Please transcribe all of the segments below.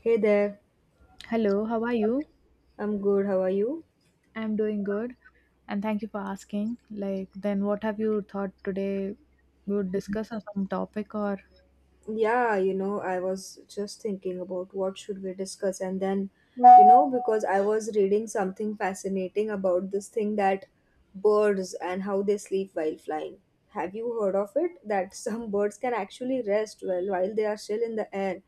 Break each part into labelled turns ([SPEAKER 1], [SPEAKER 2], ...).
[SPEAKER 1] Hey there,
[SPEAKER 2] Hello, how are you?
[SPEAKER 1] I'm good. How are you?
[SPEAKER 2] I'm doing good and thank you for asking. Like, then what have you thought today? We would discuss on some topic or?
[SPEAKER 1] Yeah, I was just thinking about what should we discuss and then, because I was reading something fascinating about this thing that birds and how they sleep while flying. Have you heard of it? That some birds can actually rest well while they are still in the air.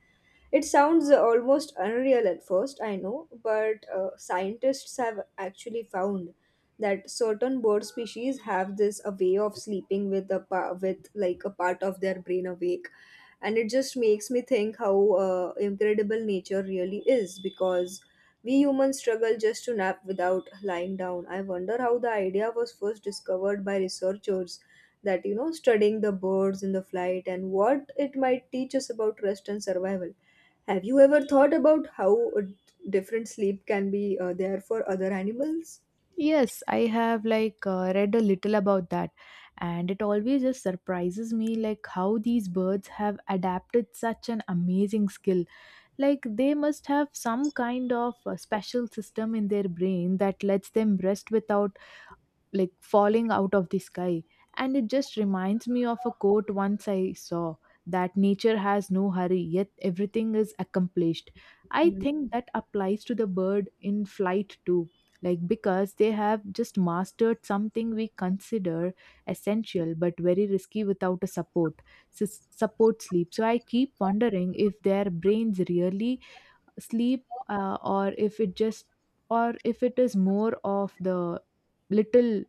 [SPEAKER 1] It sounds almost unreal at first, I know, but scientists have actually found that certain bird species have this a way of sleeping with a with like a part of their brain awake, and it just makes me think how incredible nature really is because we humans struggle just to nap without lying down. I wonder how the idea was first discovered by researchers that studying the birds in the flight and what it might teach us about rest and survival. Have you ever thought about how a different sleep can be there for other animals?
[SPEAKER 2] Yes, I have like read a little about that and it always just surprises me like how these birds have adapted such an amazing skill. Like, they must have some kind of a special system in their brain that lets them rest without like falling out of the sky. And it just reminds me of a quote once I saw that nature has no hurry yet everything is accomplished. I
[SPEAKER 1] Mm.
[SPEAKER 2] think that applies to the bird in flight too, like because they have just mastered something we consider essential but very risky without a support support sleep. So I keep wondering if their brains really sleep or if it just, or if it is more of the little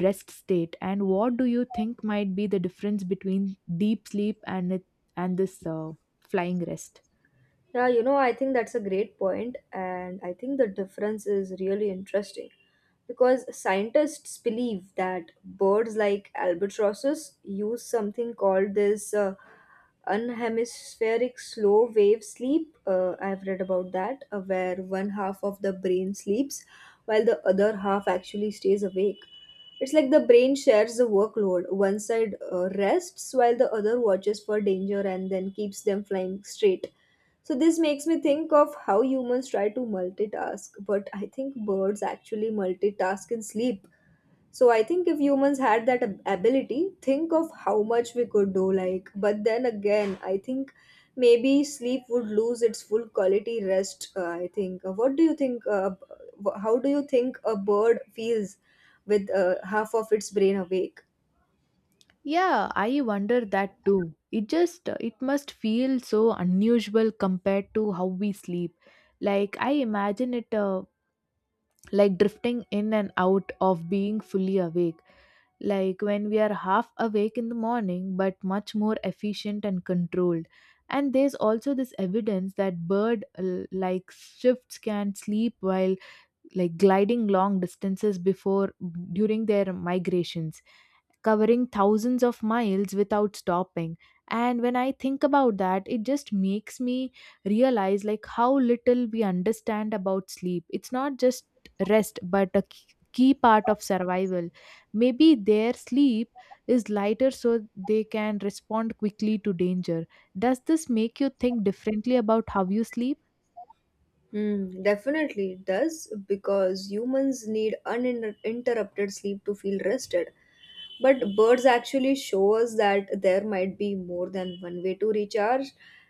[SPEAKER 2] rest state. And what do you think might be the difference between deep sleep and it, and this flying rest?
[SPEAKER 1] Yeah, I think that's a great point, and I think the difference is really interesting because scientists believe that birds like albatrosses use something called this unhemispheric slow wave sleep. I've read about that, where one half of the brain sleeps while the other half actually stays awake. It's like the brain shares the workload. One side rests while the other watches for danger and then keeps them flying straight. So, this makes me think of how humans try to multitask, but I think birds actually multitask in sleep. So I think if humans had that ability, think of how much we could do. Like, but then again, I think maybe sleep would lose its full quality rest. I think. What do you think? How do you think a bird feels with half of its brain awake?
[SPEAKER 2] Yeah, I wonder that too. It just, it must feel so unusual compared to how we sleep. Like, I imagine it like drifting in and out of being fully awake, like when we are half awake in the morning but much more efficient and controlled. And there's also this evidence that like shifts can sleep while like gliding long distances before, during their migrations, covering thousands of miles without stopping. And when I think about that, it just makes me realize like how little we understand about sleep. It's not just rest but key part of survival. Maybe their sleep is lighter so they can respond quickly to danger. Does this make you think differently about how you sleep?
[SPEAKER 1] Mm, definitely it does because humans need uninterrupted sleep to feel rested. But birds actually show us that there might be more than one way to recharge.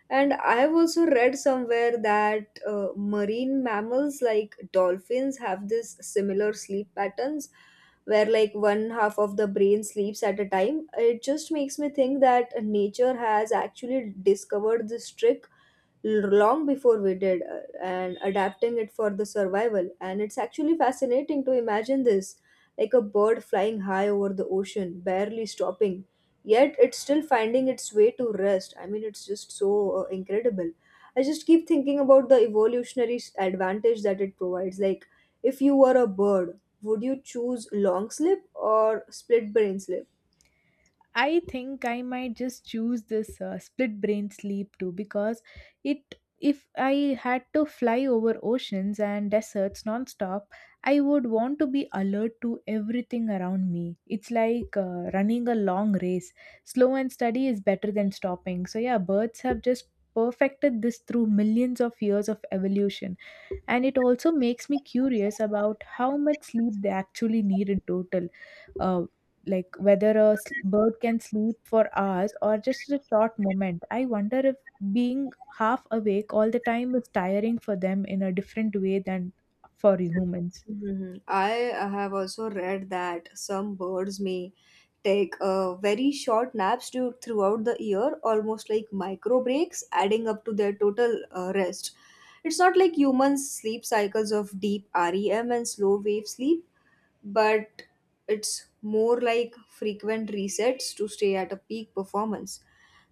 [SPEAKER 1] And I have also read somewhere that marine mammals like dolphins have this similar sleep patterns where like one half of the brain sleeps at a time. It just makes me think that nature has actually discovered this trick long before we did and adapting it for the survival, and it's actually fascinating to imagine this like a bird flying high over the ocean barely stopping, yet it's still finding its way to rest. I mean, it's just so incredible. I just keep thinking about the evolutionary advantage that it provides. Like, if you were a bird, would you choose long slip or split brain slip?
[SPEAKER 2] I think I might just choose this split brain sleep too, because it, if I had to fly over oceans and deserts nonstop, I would want to be alert to everything around me. It's like running a long race. Slow and steady is better than stopping. So yeah, birds have just perfected this through millions of years of evolution. And it also makes me curious about how much sleep they actually need in total, uh, like whether bird can sleep for hours or just a short moment. I wonder if being half awake all the time is tiring for them in a different way than for humans.
[SPEAKER 1] Mhm. I have also read that some birds may take very short naps throughout the year, almost like micro breaks, adding up to their total rest. It's not like humans' sleep cycles of deep REM and slow wave sleep, but it's more like frequent resets to stay at a peak performance.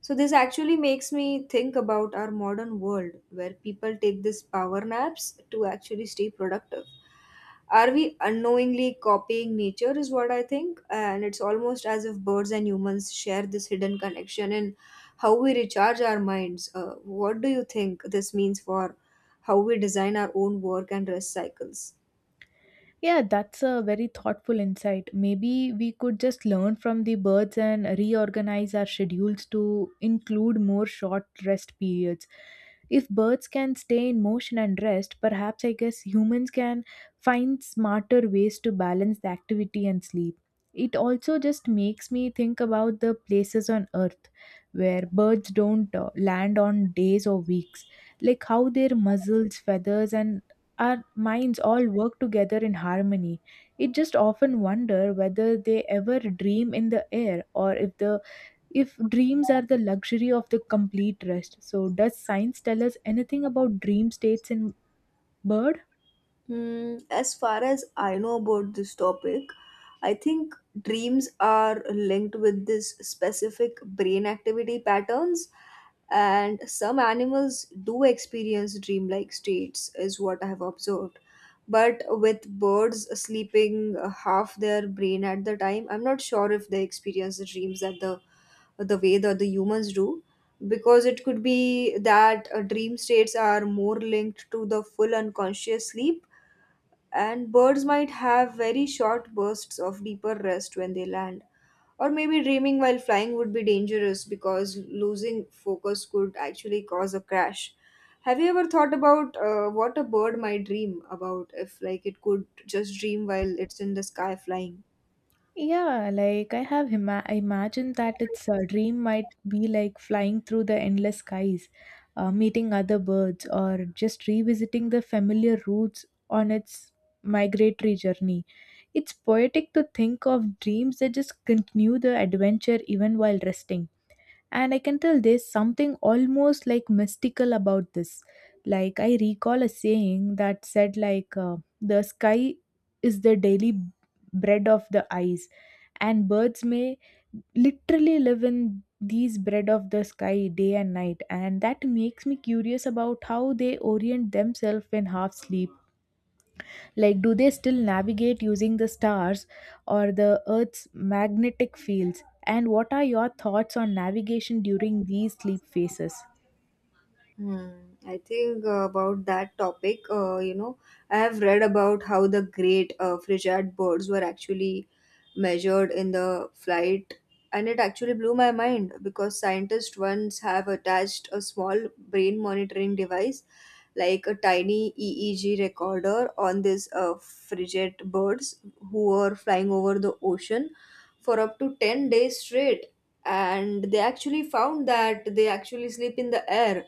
[SPEAKER 1] So, this actually makes me think about our modern world where people take these power naps to actually stay productive. Are we unknowingly copying nature, is what I think, and it's almost as if birds and humans share this hidden connection in how we recharge our minds. What do you think this means for how we design our own work and rest cycles?
[SPEAKER 2] Yeah, that's a very thoughtful insight. Maybe we could just learn from the birds and reorganize our schedules to include more short rest periods. If birds can stay in motion and rest, perhaps I guess humans can find smarter ways to balance the activity and sleep. It also just makes me think about the places on earth where birds don't land on days or weeks, like how their muzzles, feathers, and our minds all work together in harmony. It just often wonder whether they ever dream in the air, or if the, if dreams are the luxury of the complete rest. So does science tell us anything about dream states in bird?
[SPEAKER 1] Hmm, as far as I know about this topic, I think dreams are linked with this specific brain activity patterns, and some animals do experience dreamlike states, is what I have observed. But with birds sleeping half their brain at the time, I'm not sure if they experience the dreams at the way that the humans do because it could be that dream states are more linked to the full unconscious sleep, and birds might have very short bursts of deeper rest when they land. Or maybe dreaming while flying would be dangerous because losing focus could actually cause a crash. Have you ever thought about what a bird might dream about if, like, it could just dream while it's in the sky flying?
[SPEAKER 2] Yeah, like I have I imagine that its dream might be like flying through the endless skies, meeting other birds, or just revisiting the familiar routes on its migratory journey. It's poetic to think of dreams that just continue the adventure even while resting. And I can tell there's something almost like mystical about this. Like I recall a saying that said like the sky is the daily bread of the eyes, and birds may literally live in these bread of the sky day and night. And that makes me curious about how they orient themselves in half sleep, like, do they still navigate using the stars or the Earth's magnetic fields? And what are your thoughts on navigation during these sleep phases?
[SPEAKER 1] Hmm. I think about that topic. I have read about how the great frigate birds were actually measured in the flight, and it actually blew my mind because scientists once have attached a small brain monitoring device, like a tiny EEG recorder, on these frigate birds who were flying over the ocean for up to 10 days straight. And they actually found that they actually sleep in the air,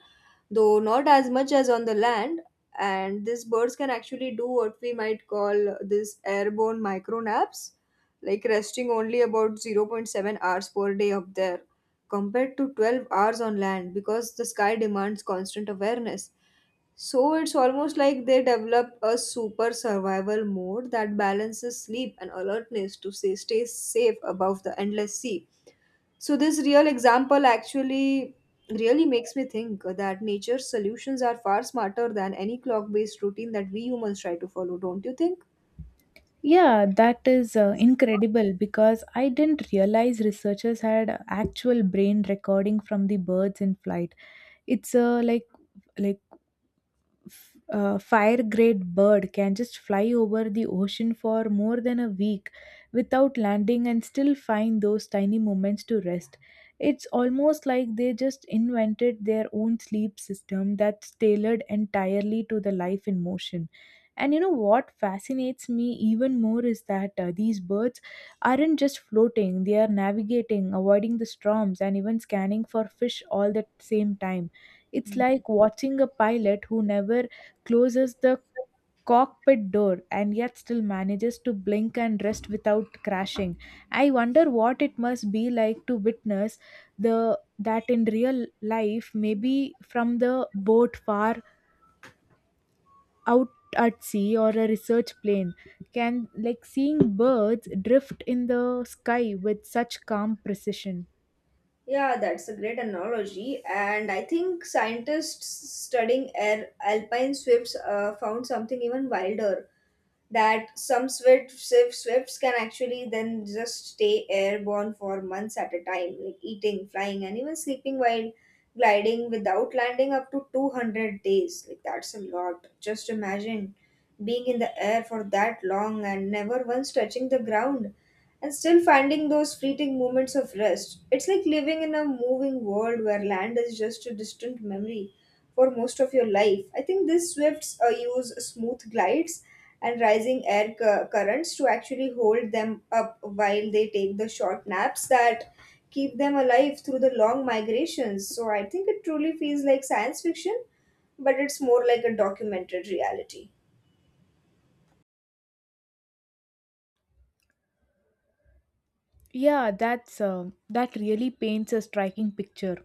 [SPEAKER 1] though not as much as on the land. And these birds can actually do what we might call this airborne micro naps, like resting only about 0.7 hours per day up there, compared to 12 hours on land because the sky demands constant awareness. So it's almost like they develop a super survival mode that balances sleep and alertness to say stay safe above the endless sea. So this real example actually really makes me think that nature's solutions are far smarter than any clock based routine that we humans try to follow, don't you think?
[SPEAKER 2] Yeah, that is incredible because I didn't realize researchers had actual brain recording from the birds in flight. It's like, like fire grade bird can just fly over the ocean for more than a week without landing and still find those tiny moments to rest. It's almost like they just invented their own sleep system that's tailored entirely to the life in motion. And you know what fascinates me even more is that these birds aren't just floating, they are navigating, avoiding the storms, and even scanning for fish all at the same time. It's like watching a pilot who never closes the cockpit door and yet still manages to blink and rest without crashing. I wonder what it must be like to witness the that in real life, maybe from the boat far out at sea or a research plane, can like seeing birds drift in the sky with such calm precision.
[SPEAKER 1] Yeah, that's a great analogy. And I think scientists studying alpine swifts found something even wilder. That some swift, swifts can actually then just stay airborne for months at a time, like eating, flying, and even sleeping while gliding without landing up to 200 days. Like that's a lot. Just imagine being in the air for that long and never once touching the ground and still finding those fleeting moments of rest. It's like living in a moving world where land is just a distant memory for most of your life. I think these swifts use smooth glides and rising air currents to actually hold them up while they take the short naps that keep them alive through the long migrations. So I think it truly feels like science fiction, but it's more like a documented reality.
[SPEAKER 2] Yeah, that's that really paints a striking picture.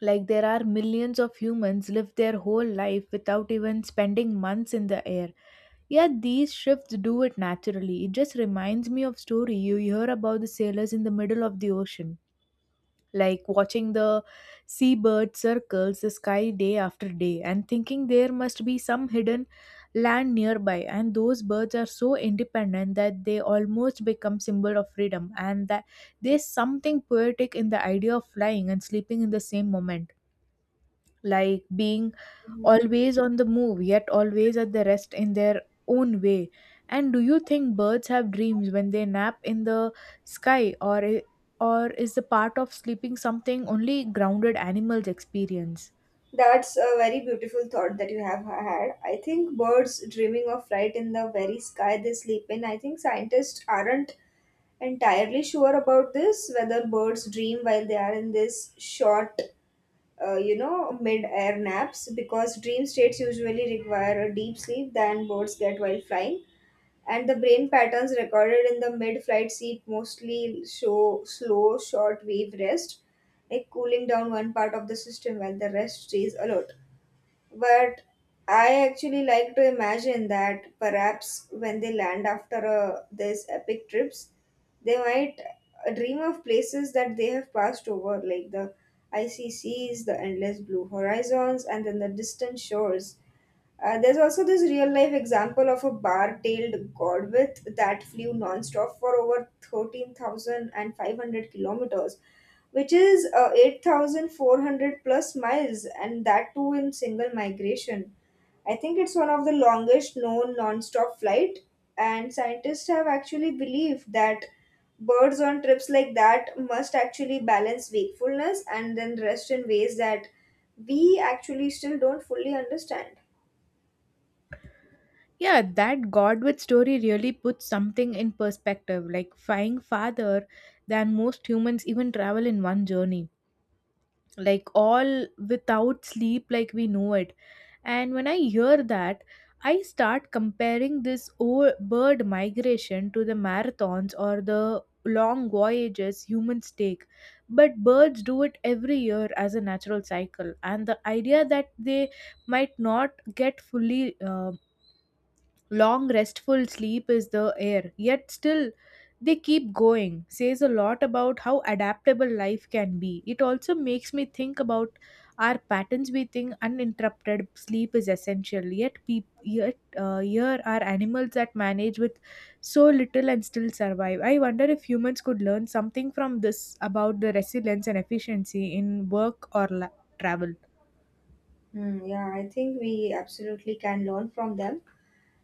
[SPEAKER 2] Like there are millions of humans live their whole life without even spending months in the air. Yet these shifts do it naturally. It just reminds me of story you hear about the sailors in the middle of the ocean, like watching the seabird circles the sky day after day and thinking there must be some hidden land nearby. And those birds are so independent that they almost become symbol of freedom. And that there's something poetic in the idea of flying and sleeping in the same moment, like being always on the move yet always at the rest in their own way. And do you think birds have dreams when they nap in the sky, or is the part of sleeping something only grounded animals experience?
[SPEAKER 1] That's a very beautiful thought that you have had. I think birds dreaming of flight in the very sky they sleep in, I think scientists aren't entirely sure about this whether birds dream while they are in this short mid-air naps because dream states usually require a deep sleep than birds get while flying, and the brain patterns recorded in the mid-flight sleep mostly show slow short wave rest, like cooling down one part of the system while the rest stays alert. But I actually like to imagine that perhaps when they land after these epic trips, they might dream of places that they have passed over, like the icy seas, the endless blue horizons, and then the distant shores. There's also this real life example of a bar tailed godwith that flew nonstop for over 13,500 kilometers, which is 8,400 plus miles, and that too in single migration. I think it's one of the longest known nonstop flight, and scientists have actually believed that birds on trips like that must actually balance wakefulness and then rest in ways that we actually still don't fully understand.
[SPEAKER 2] Yeah, that Godwit story really puts something in perspective, like flying farther than most humans even travel in one journey, like all without sleep like we know it. And when I hear that, I start comparing this bird migration to the marathons or the long voyages humans take, but birds do it every year as a natural cycle. And the idea that they might not get fully long, restful sleep is the air, yet still they keep going, says a lot about how adaptable life can be. It also makes me think about our patterns. We think uninterrupted sleep is essential, yet here are animals that manage with so little and still survive. I wonder if humans could learn something from this about the resilience and efficiency in work or travel.
[SPEAKER 1] Hmm, yeah, I think we absolutely can learn from them,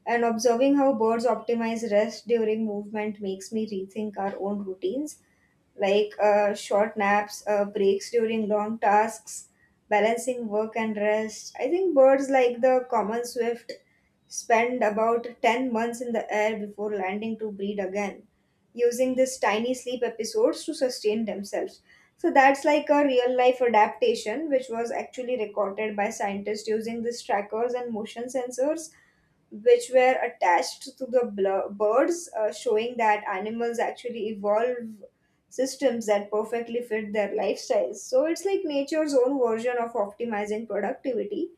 [SPEAKER 1] and observing how birds optimize rest during movement makes me rethink our own routines, like short naps, breaks during long tasks, balancing work and rest. I think birds like the common swift spend about 10 months in the air before landing to breed again, using these tiny sleep episodes to sustain themselves. So that's like a real life adaptation which was actually recorded by scientists using these trackers and motion sensors which were attached to the birds, showing that animals actually evolve systems that perfectly fit their lifestyles. So it's like nature's own version of optimizing productivity,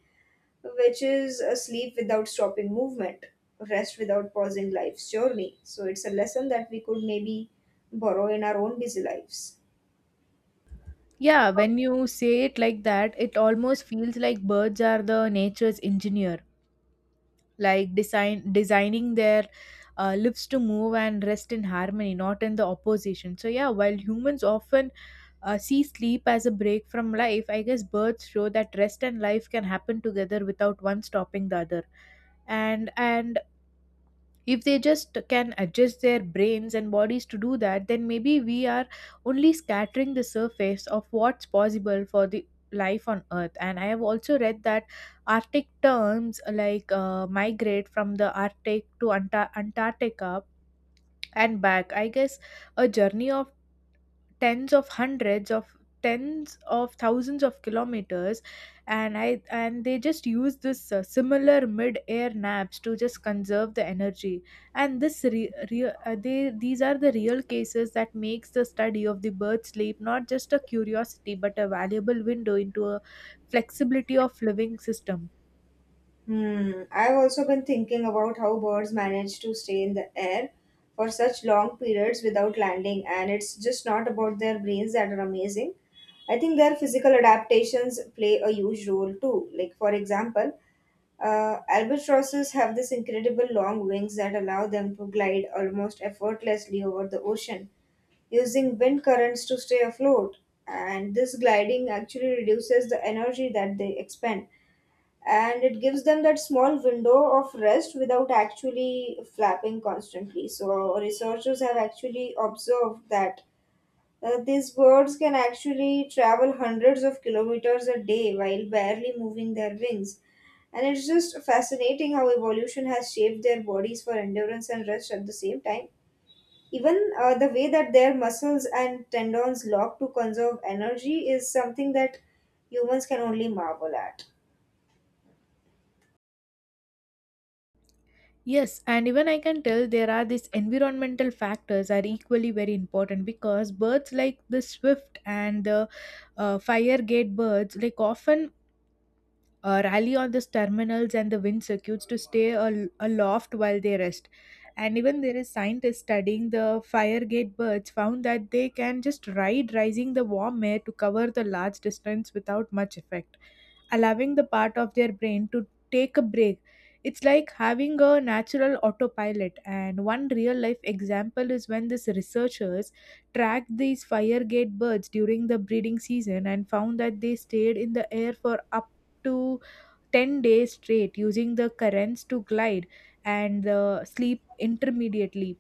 [SPEAKER 1] which is a sleep without stopping movement, rest without pausing life's journey. So it's a lesson that we could maybe borrow in our own busy lives.
[SPEAKER 2] Yeah, when you say it like that, it almost feels like birds are the nature's engineer, like designing their lives to move and rest in harmony, not in the opposition. So yeah, while humans often see sleep as a break from life, I guess birds show that rest and life can happen together without one stopping the other. And if they just can adjust their brains and bodies to do that, then maybe we are only scattering the surface of what's possible for the life on earth. And I have also read that arctic terms like migrate from the arctic to antarctica and back, I guess a journey of tens of hundreds of tens of thousands of kilometers. And they just use this similar mid air naps to just conserve the energy. And this re- re- they these are the real cases that makes the study of the bird sleep not just a curiosity but a valuable window into a flexibility of living system.
[SPEAKER 1] Hmm. I've also been thinking about how birds manage to stay in the air for such long periods without landing, and it's just not about their brains that are amazing. I think their physical adaptations play a huge role too. Like, for example, albatrosses have this incredible long wings that allow them to glide almost effortlessly over the ocean, using wind currents to stay afloat. And this gliding actually reduces the energy that they expend, and it gives them that small window of rest without actually flapping constantly. So, researchers have actually observed that these birds can actually travel hundreds of kilometers a day while barely moving their wings. And it's just fascinating how evolution has shaped their bodies for endurance and rest at the same time. Even the way that their muscles and tendons lock to conserve energy is something that humans can only marvel at.
[SPEAKER 2] Yes, and even I can tell there are these environmental factors are equally very important because birds like the swift and the fire gate birds like often rally on the terminals and the wind circuits to stay aloft while they rest. And even there is scientists studying the fire gate birds found that they can just ride rising the warm air to cover the large distance without much effect, allowing the part of their brain to take a break. It's like having a natural autopilot. And one real life example is when these researchers tracked these fire gate birds during the breeding season and found that they stayed in the air for up to 10 days straight using the currents to glide and sleep intermediately.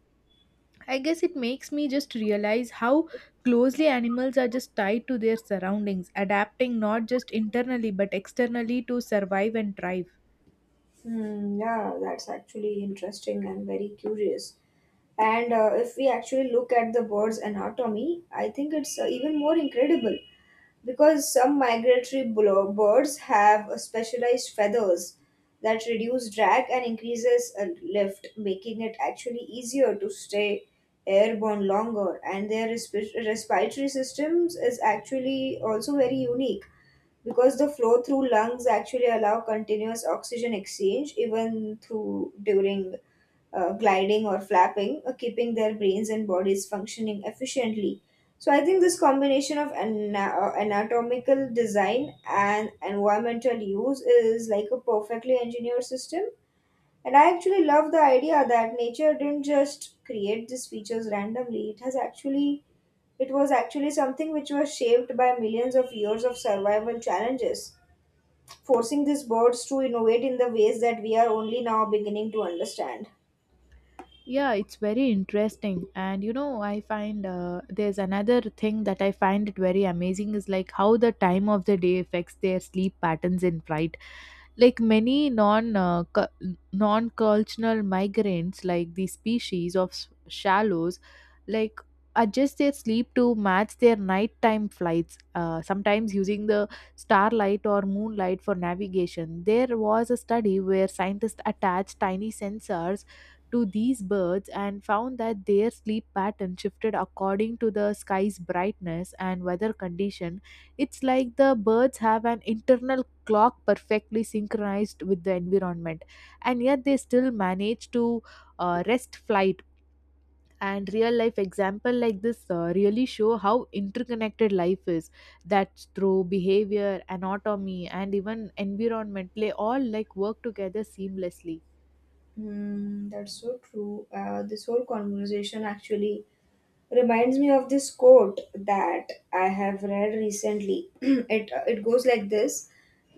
[SPEAKER 2] I guess it makes me just realize how closely animals are just tied to their surroundings, adapting not just internally but externally to survive and thrive.
[SPEAKER 1] Hmm, yeah, that's actually interesting and very curious. And if we actually look at the bird's anatomy, I think it's even more incredible because some migratory birds have specialized feathers that reduce drag and increases lift, making it actually easier to stay airborne longer. And their respiratory systems is actually also very unique because the flow through lungs actually allow continuous oxygen exchange even through during gliding or flapping, keeping their brains and bodies functioning efficiently. So I think this combination of anatomical design and environmental use is like a perfectly engineered system, and I actually love the idea that nature didn't just create these features randomly. It has actually it was actually something which was shaped by millions of years of survival challenges, forcing these birds to innovate in the ways that we are only now beginning to understand.
[SPEAKER 2] Yeah, it's very interesting. And you know, I find there's another thing that I find it very amazing is like how the time of the day affects their sleep patterns in fright. Like many non-cultural migrants, like the species of shallows, like adjust their sleep to match their nighttime flights. Sometimes using the starlight or moonlight for navigation. There was a study where scientists attached tiny sensors to these birds and found that their sleep pattern shifted according to the sky's brightness and weather condition. It's like the birds have an internal clock perfectly synchronized with the environment, and yet they still manage to rest flight. And real life example like this really show how interconnected life is. That through behavior, anatomy, and even environment play all like work together seamlessly.
[SPEAKER 1] Hmm, that's so true. This whole conversation actually reminds me of this quote that I have read recently. It goes like this: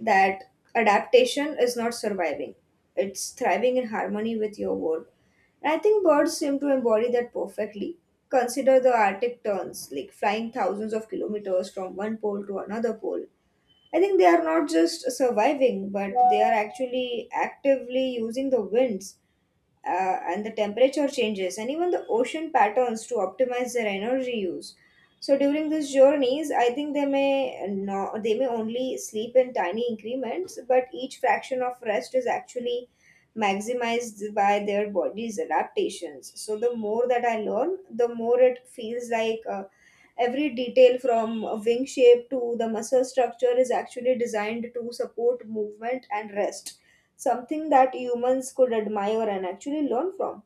[SPEAKER 1] that adaptation is not surviving; it's thriving in harmony with your world. And I think birds seem to embody that perfectly. Consider the Arctic terns, like flying thousands of kilometers from one pole to another pole. I think they are not just surviving, but they are actually actively using the winds and the temperature changes and even the ocean patterns to optimize their energy use. So during these journeys, I think they may no, they may only sleep in tiny increments, but each fraction of rest is actually maximized by their body's adaptations. So the more that I learn, the more it feels like every detail from a wing shape to the muscle structure is actually designed to support movement and rest, something that humans could admire and actually learn from.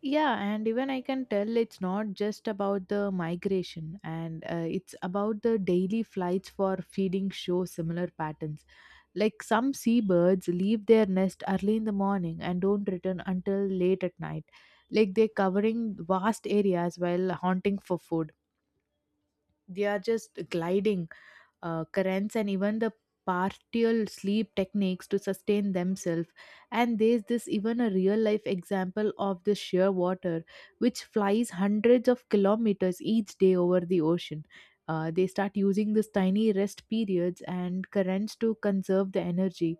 [SPEAKER 2] Yeah, and even I can tell it's not just about the migration, and it's about the daily flights for feeding show similar patterns. Like some seabirds leave their nest early in the morning and don't return until late at night. Like they're covering vast areas while hunting for food. They are just gliding currents and even the partial sleep techniques to sustain themselves. And there's this even a real life example of the sheer water, which flies hundreds of kilometers each day over the ocean. They start using this tiny rest periods and currents to conserve the energy,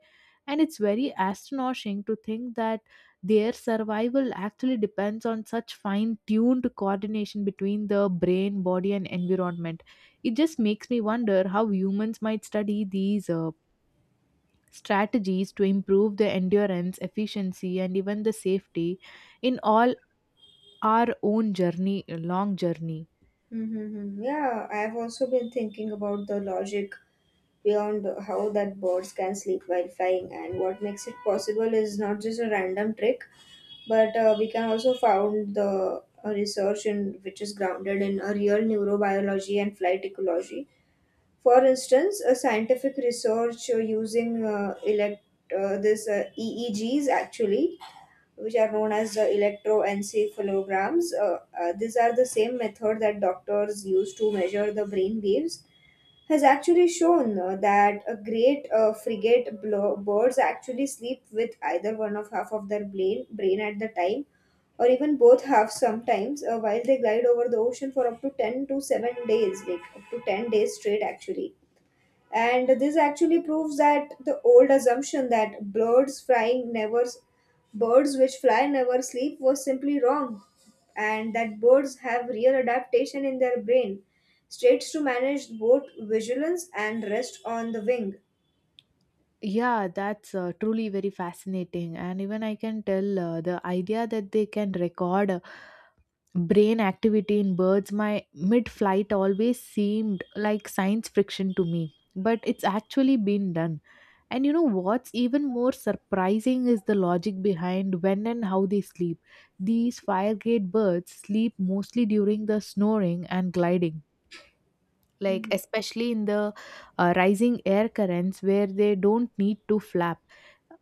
[SPEAKER 2] and it's very astonishing to think that their survival actually depends on such fine tuned coordination between the brain body and environment. It just makes me wonder how humans might study these strategies to improve the endurance, efficiency, and even the safety in all our own journey, long journey.
[SPEAKER 1] Mm-hmm. Yeah, I have also been thinking about the logic beyond how that birds can sleep while flying, and what makes it possible is not just a random trick, but we can also found the research in which is grounded in a real neurobiology and flight ecology. For instance, a scientific research using elect this EEGs actually, which are known as the electroencephalograms. These are the same method that doctors use to measure the brain waves. Has actually shown that a great frigate birds actually sleep with either one of half of their brain at the time, or even both halves sometimes, while they glide over the ocean for up to 10 to 7 days, like up to 10 days straight actually. And this actually proves that the old assumption that birds which fly never sleep was simply wrong, and that birds have real adaptation in their brain states to manage both vigilance and rest on the wing.
[SPEAKER 2] Yeah, that's truly very fascinating. And even I can tell the idea that they can record brain activity in birds, my mid flight always seemed like science fiction to me. But it's actually been done. And you know what's even more surprising is the logic behind when and how they sleep. These firegrade birds sleep mostly during the snoring and gliding, like
[SPEAKER 1] Mhm.
[SPEAKER 2] especially in the rising air currents where they don't need to flap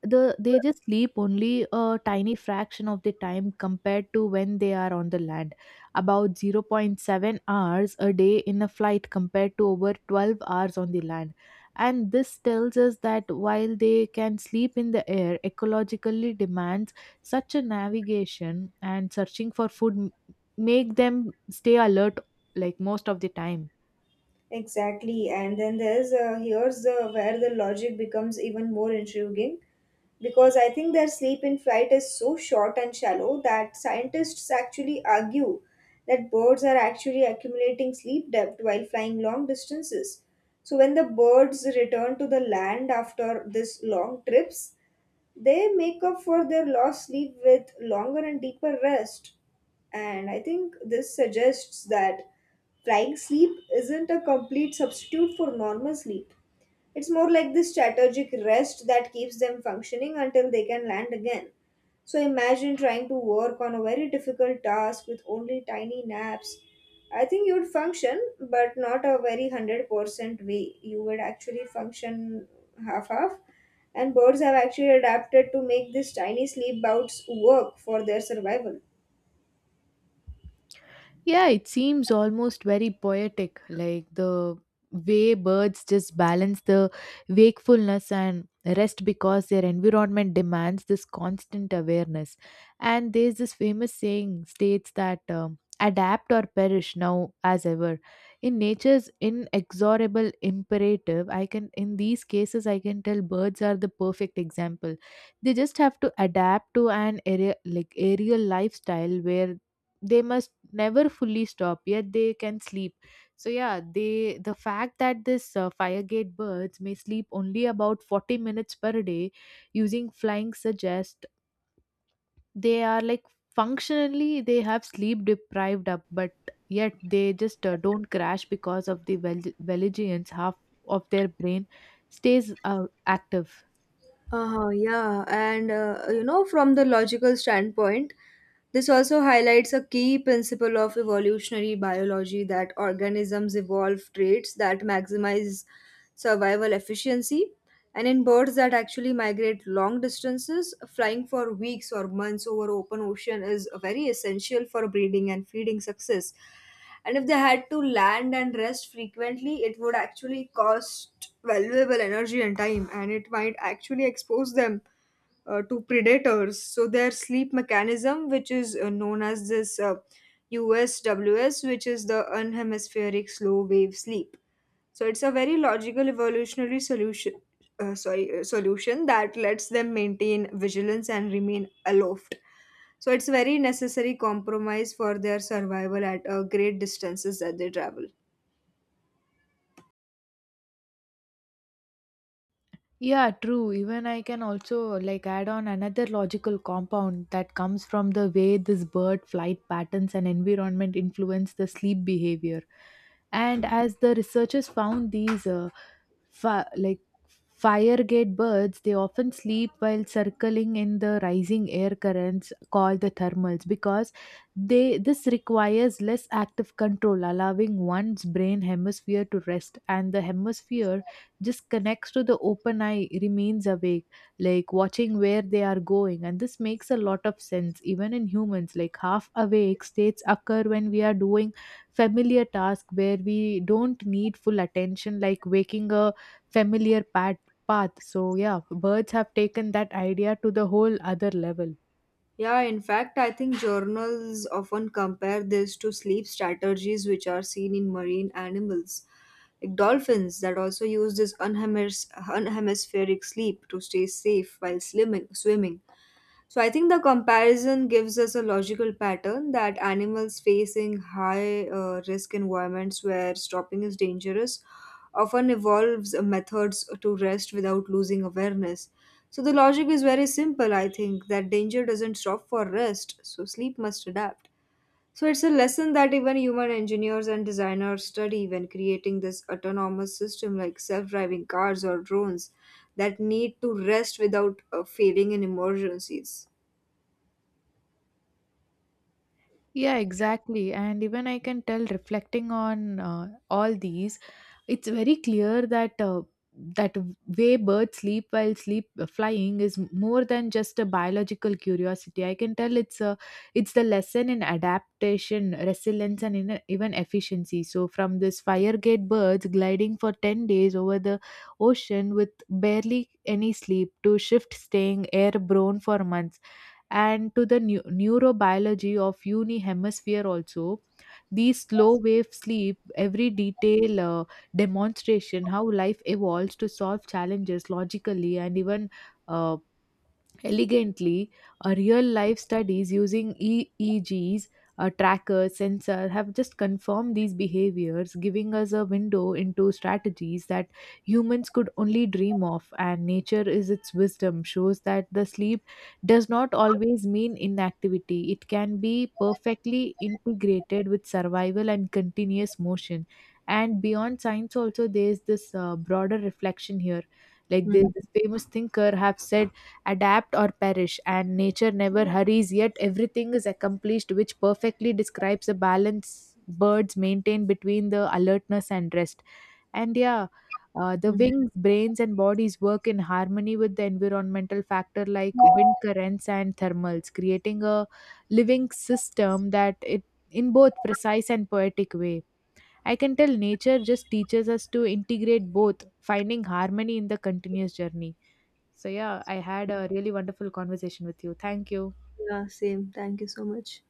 [SPEAKER 2] they just sleep only a tiny fraction of the time compared to when they are on the land, about zero point 0.7 hours a day in a flight compared to over 12 hours on the land. And this tells us that while they can sleep in the air, ecologically demands such a navigation and searching for food make them stay alert like most of the time.
[SPEAKER 1] Exactly. And then there's here's the where the logic becomes even more intriguing, because I think their sleep in flight is so short and shallow that scientists actually argue that birds are actually accumulating sleep depth while flying long distances. So when the birds return to the land after this long trips, they make up for their lost sleep with longer and deeper rest. And I think this suggests that flying sleep isn't a complete substitute for normal sleep. It's more like this strategic rest that keeps them functioning until they can land again. So imagine trying to work on a very difficult task with only tiny naps. I think you'd function, but not a very 100% way. You would actually function half. And birds have actually adapted to make these tiny sleep bouts work for their survival.
[SPEAKER 2] Yeah, it seems almost very poetic, like the way birds just balance the wakefulness and rest because their environment demands this constant awareness. And there's this famous saying states that adapt or perish, now as ever. In nature's inexorable imperative, I can, in these cases, I can tell birds are the perfect example. They just have to adapt to an area like aerial lifestyle where they must never fully stop yet they can sleep. So yeah, the fact that this firegate birds may sleep only about 40 minutes per day using flying suggest they are like functionally they have sleep deprived up, but yet they just don't crash because of the valigians half of their brain stays active.
[SPEAKER 1] Yeah, and from the logical standpoint, this also highlights a key principle of evolutionary biology that organisms evolve traits that maximize survival efficiency, and in birds that actually migrate long distances, flying for weeks or months over open ocean is very essential for breeding and feeding success. And if they had to land and rest frequently, it would actually cost valuable energy and time, and it might actually expose them to predators. So their sleep mechanism, which is known as this USWS, which is the unhemispheric slow wave sleep, so it's a very logical evolutionary solution. Sorry, solution that lets them maintain vigilance and remain aloft. So it's very necessary compromise for their survival at great distances that they travel.
[SPEAKER 2] Yeah, true. Even I can also like add on another logical compound that comes from the way this bird flight patterns and environment influence the sleep behavior. And as the researchers found these fi- like firegate birds, they often sleep while circling in the rising air currents called the thermals, because they this requires less active control, allowing one's brain hemisphere to rest and the hemisphere just connects to the open eye remains awake, like watching where they are going. And this makes a lot of sense even in humans, like half awake states occur when we are doing familiar task where we don't need full attention, like waking a familiar pat path. So yeah, birds have taken that idea to the whole other level.
[SPEAKER 1] Yeah, in fact, I think journals often compare this to sleep strategies which are seen in marine animals, like dolphins that also use this unhemispheric sleep to stay safe while swimming. So I think the comparison gives us a logical pattern that animals facing high risk environments where stopping is dangerous often evolves methods to rest without losing awareness. So the logic is very simple, I think, that danger doesn't stop for rest, so sleep must adapt. So it's a lesson that even human engineers and designers study when creating this autonomous system like self-driving cars or drones that need to rest without failing in emergencies.
[SPEAKER 2] Yeah, exactly. And even I can tell reflecting on all these, it's very clear that that way birds sleep while sleep flying is more than just a biological curiosity. I can tell it's the lesson in adaptation, resilience, and in even efficiency. So from this firegate birds gliding for 10 days over the ocean with barely any sleep to shift staying airborne for months, and to the neurobiology of uni hemisphere also these slow wave sleep, every detail demonstration how life evolves to solve challenges logically and even uh, elegantly. A real life studies using eegs, a tracker sensor have just confirmed these behaviors, giving us a window into strategies that humans could only dream of. And nature is its wisdom shows that the sleep does not always mean inactivity, it can be perfectly integrated with survival and continuous motion. And beyond science also there is this broader reflection here, like
[SPEAKER 1] Mhm,
[SPEAKER 2] this famous thinker have said adapt or perish and nature never hurries yet everything is accomplished, which perfectly describes the balance birds maintain between the alertness and rest. And yeah, the
[SPEAKER 1] mhm.
[SPEAKER 2] wings brains and bodies work in harmony with the environmental factor like wind currents and thermals, creating a living system that it in both precise and poetic way. I can tell nature just teaches us to integrate both, finding harmony in the continuous journey. So yeah, I had a really wonderful conversation with you. Thank you.
[SPEAKER 1] Yeah, same. Thank you so much.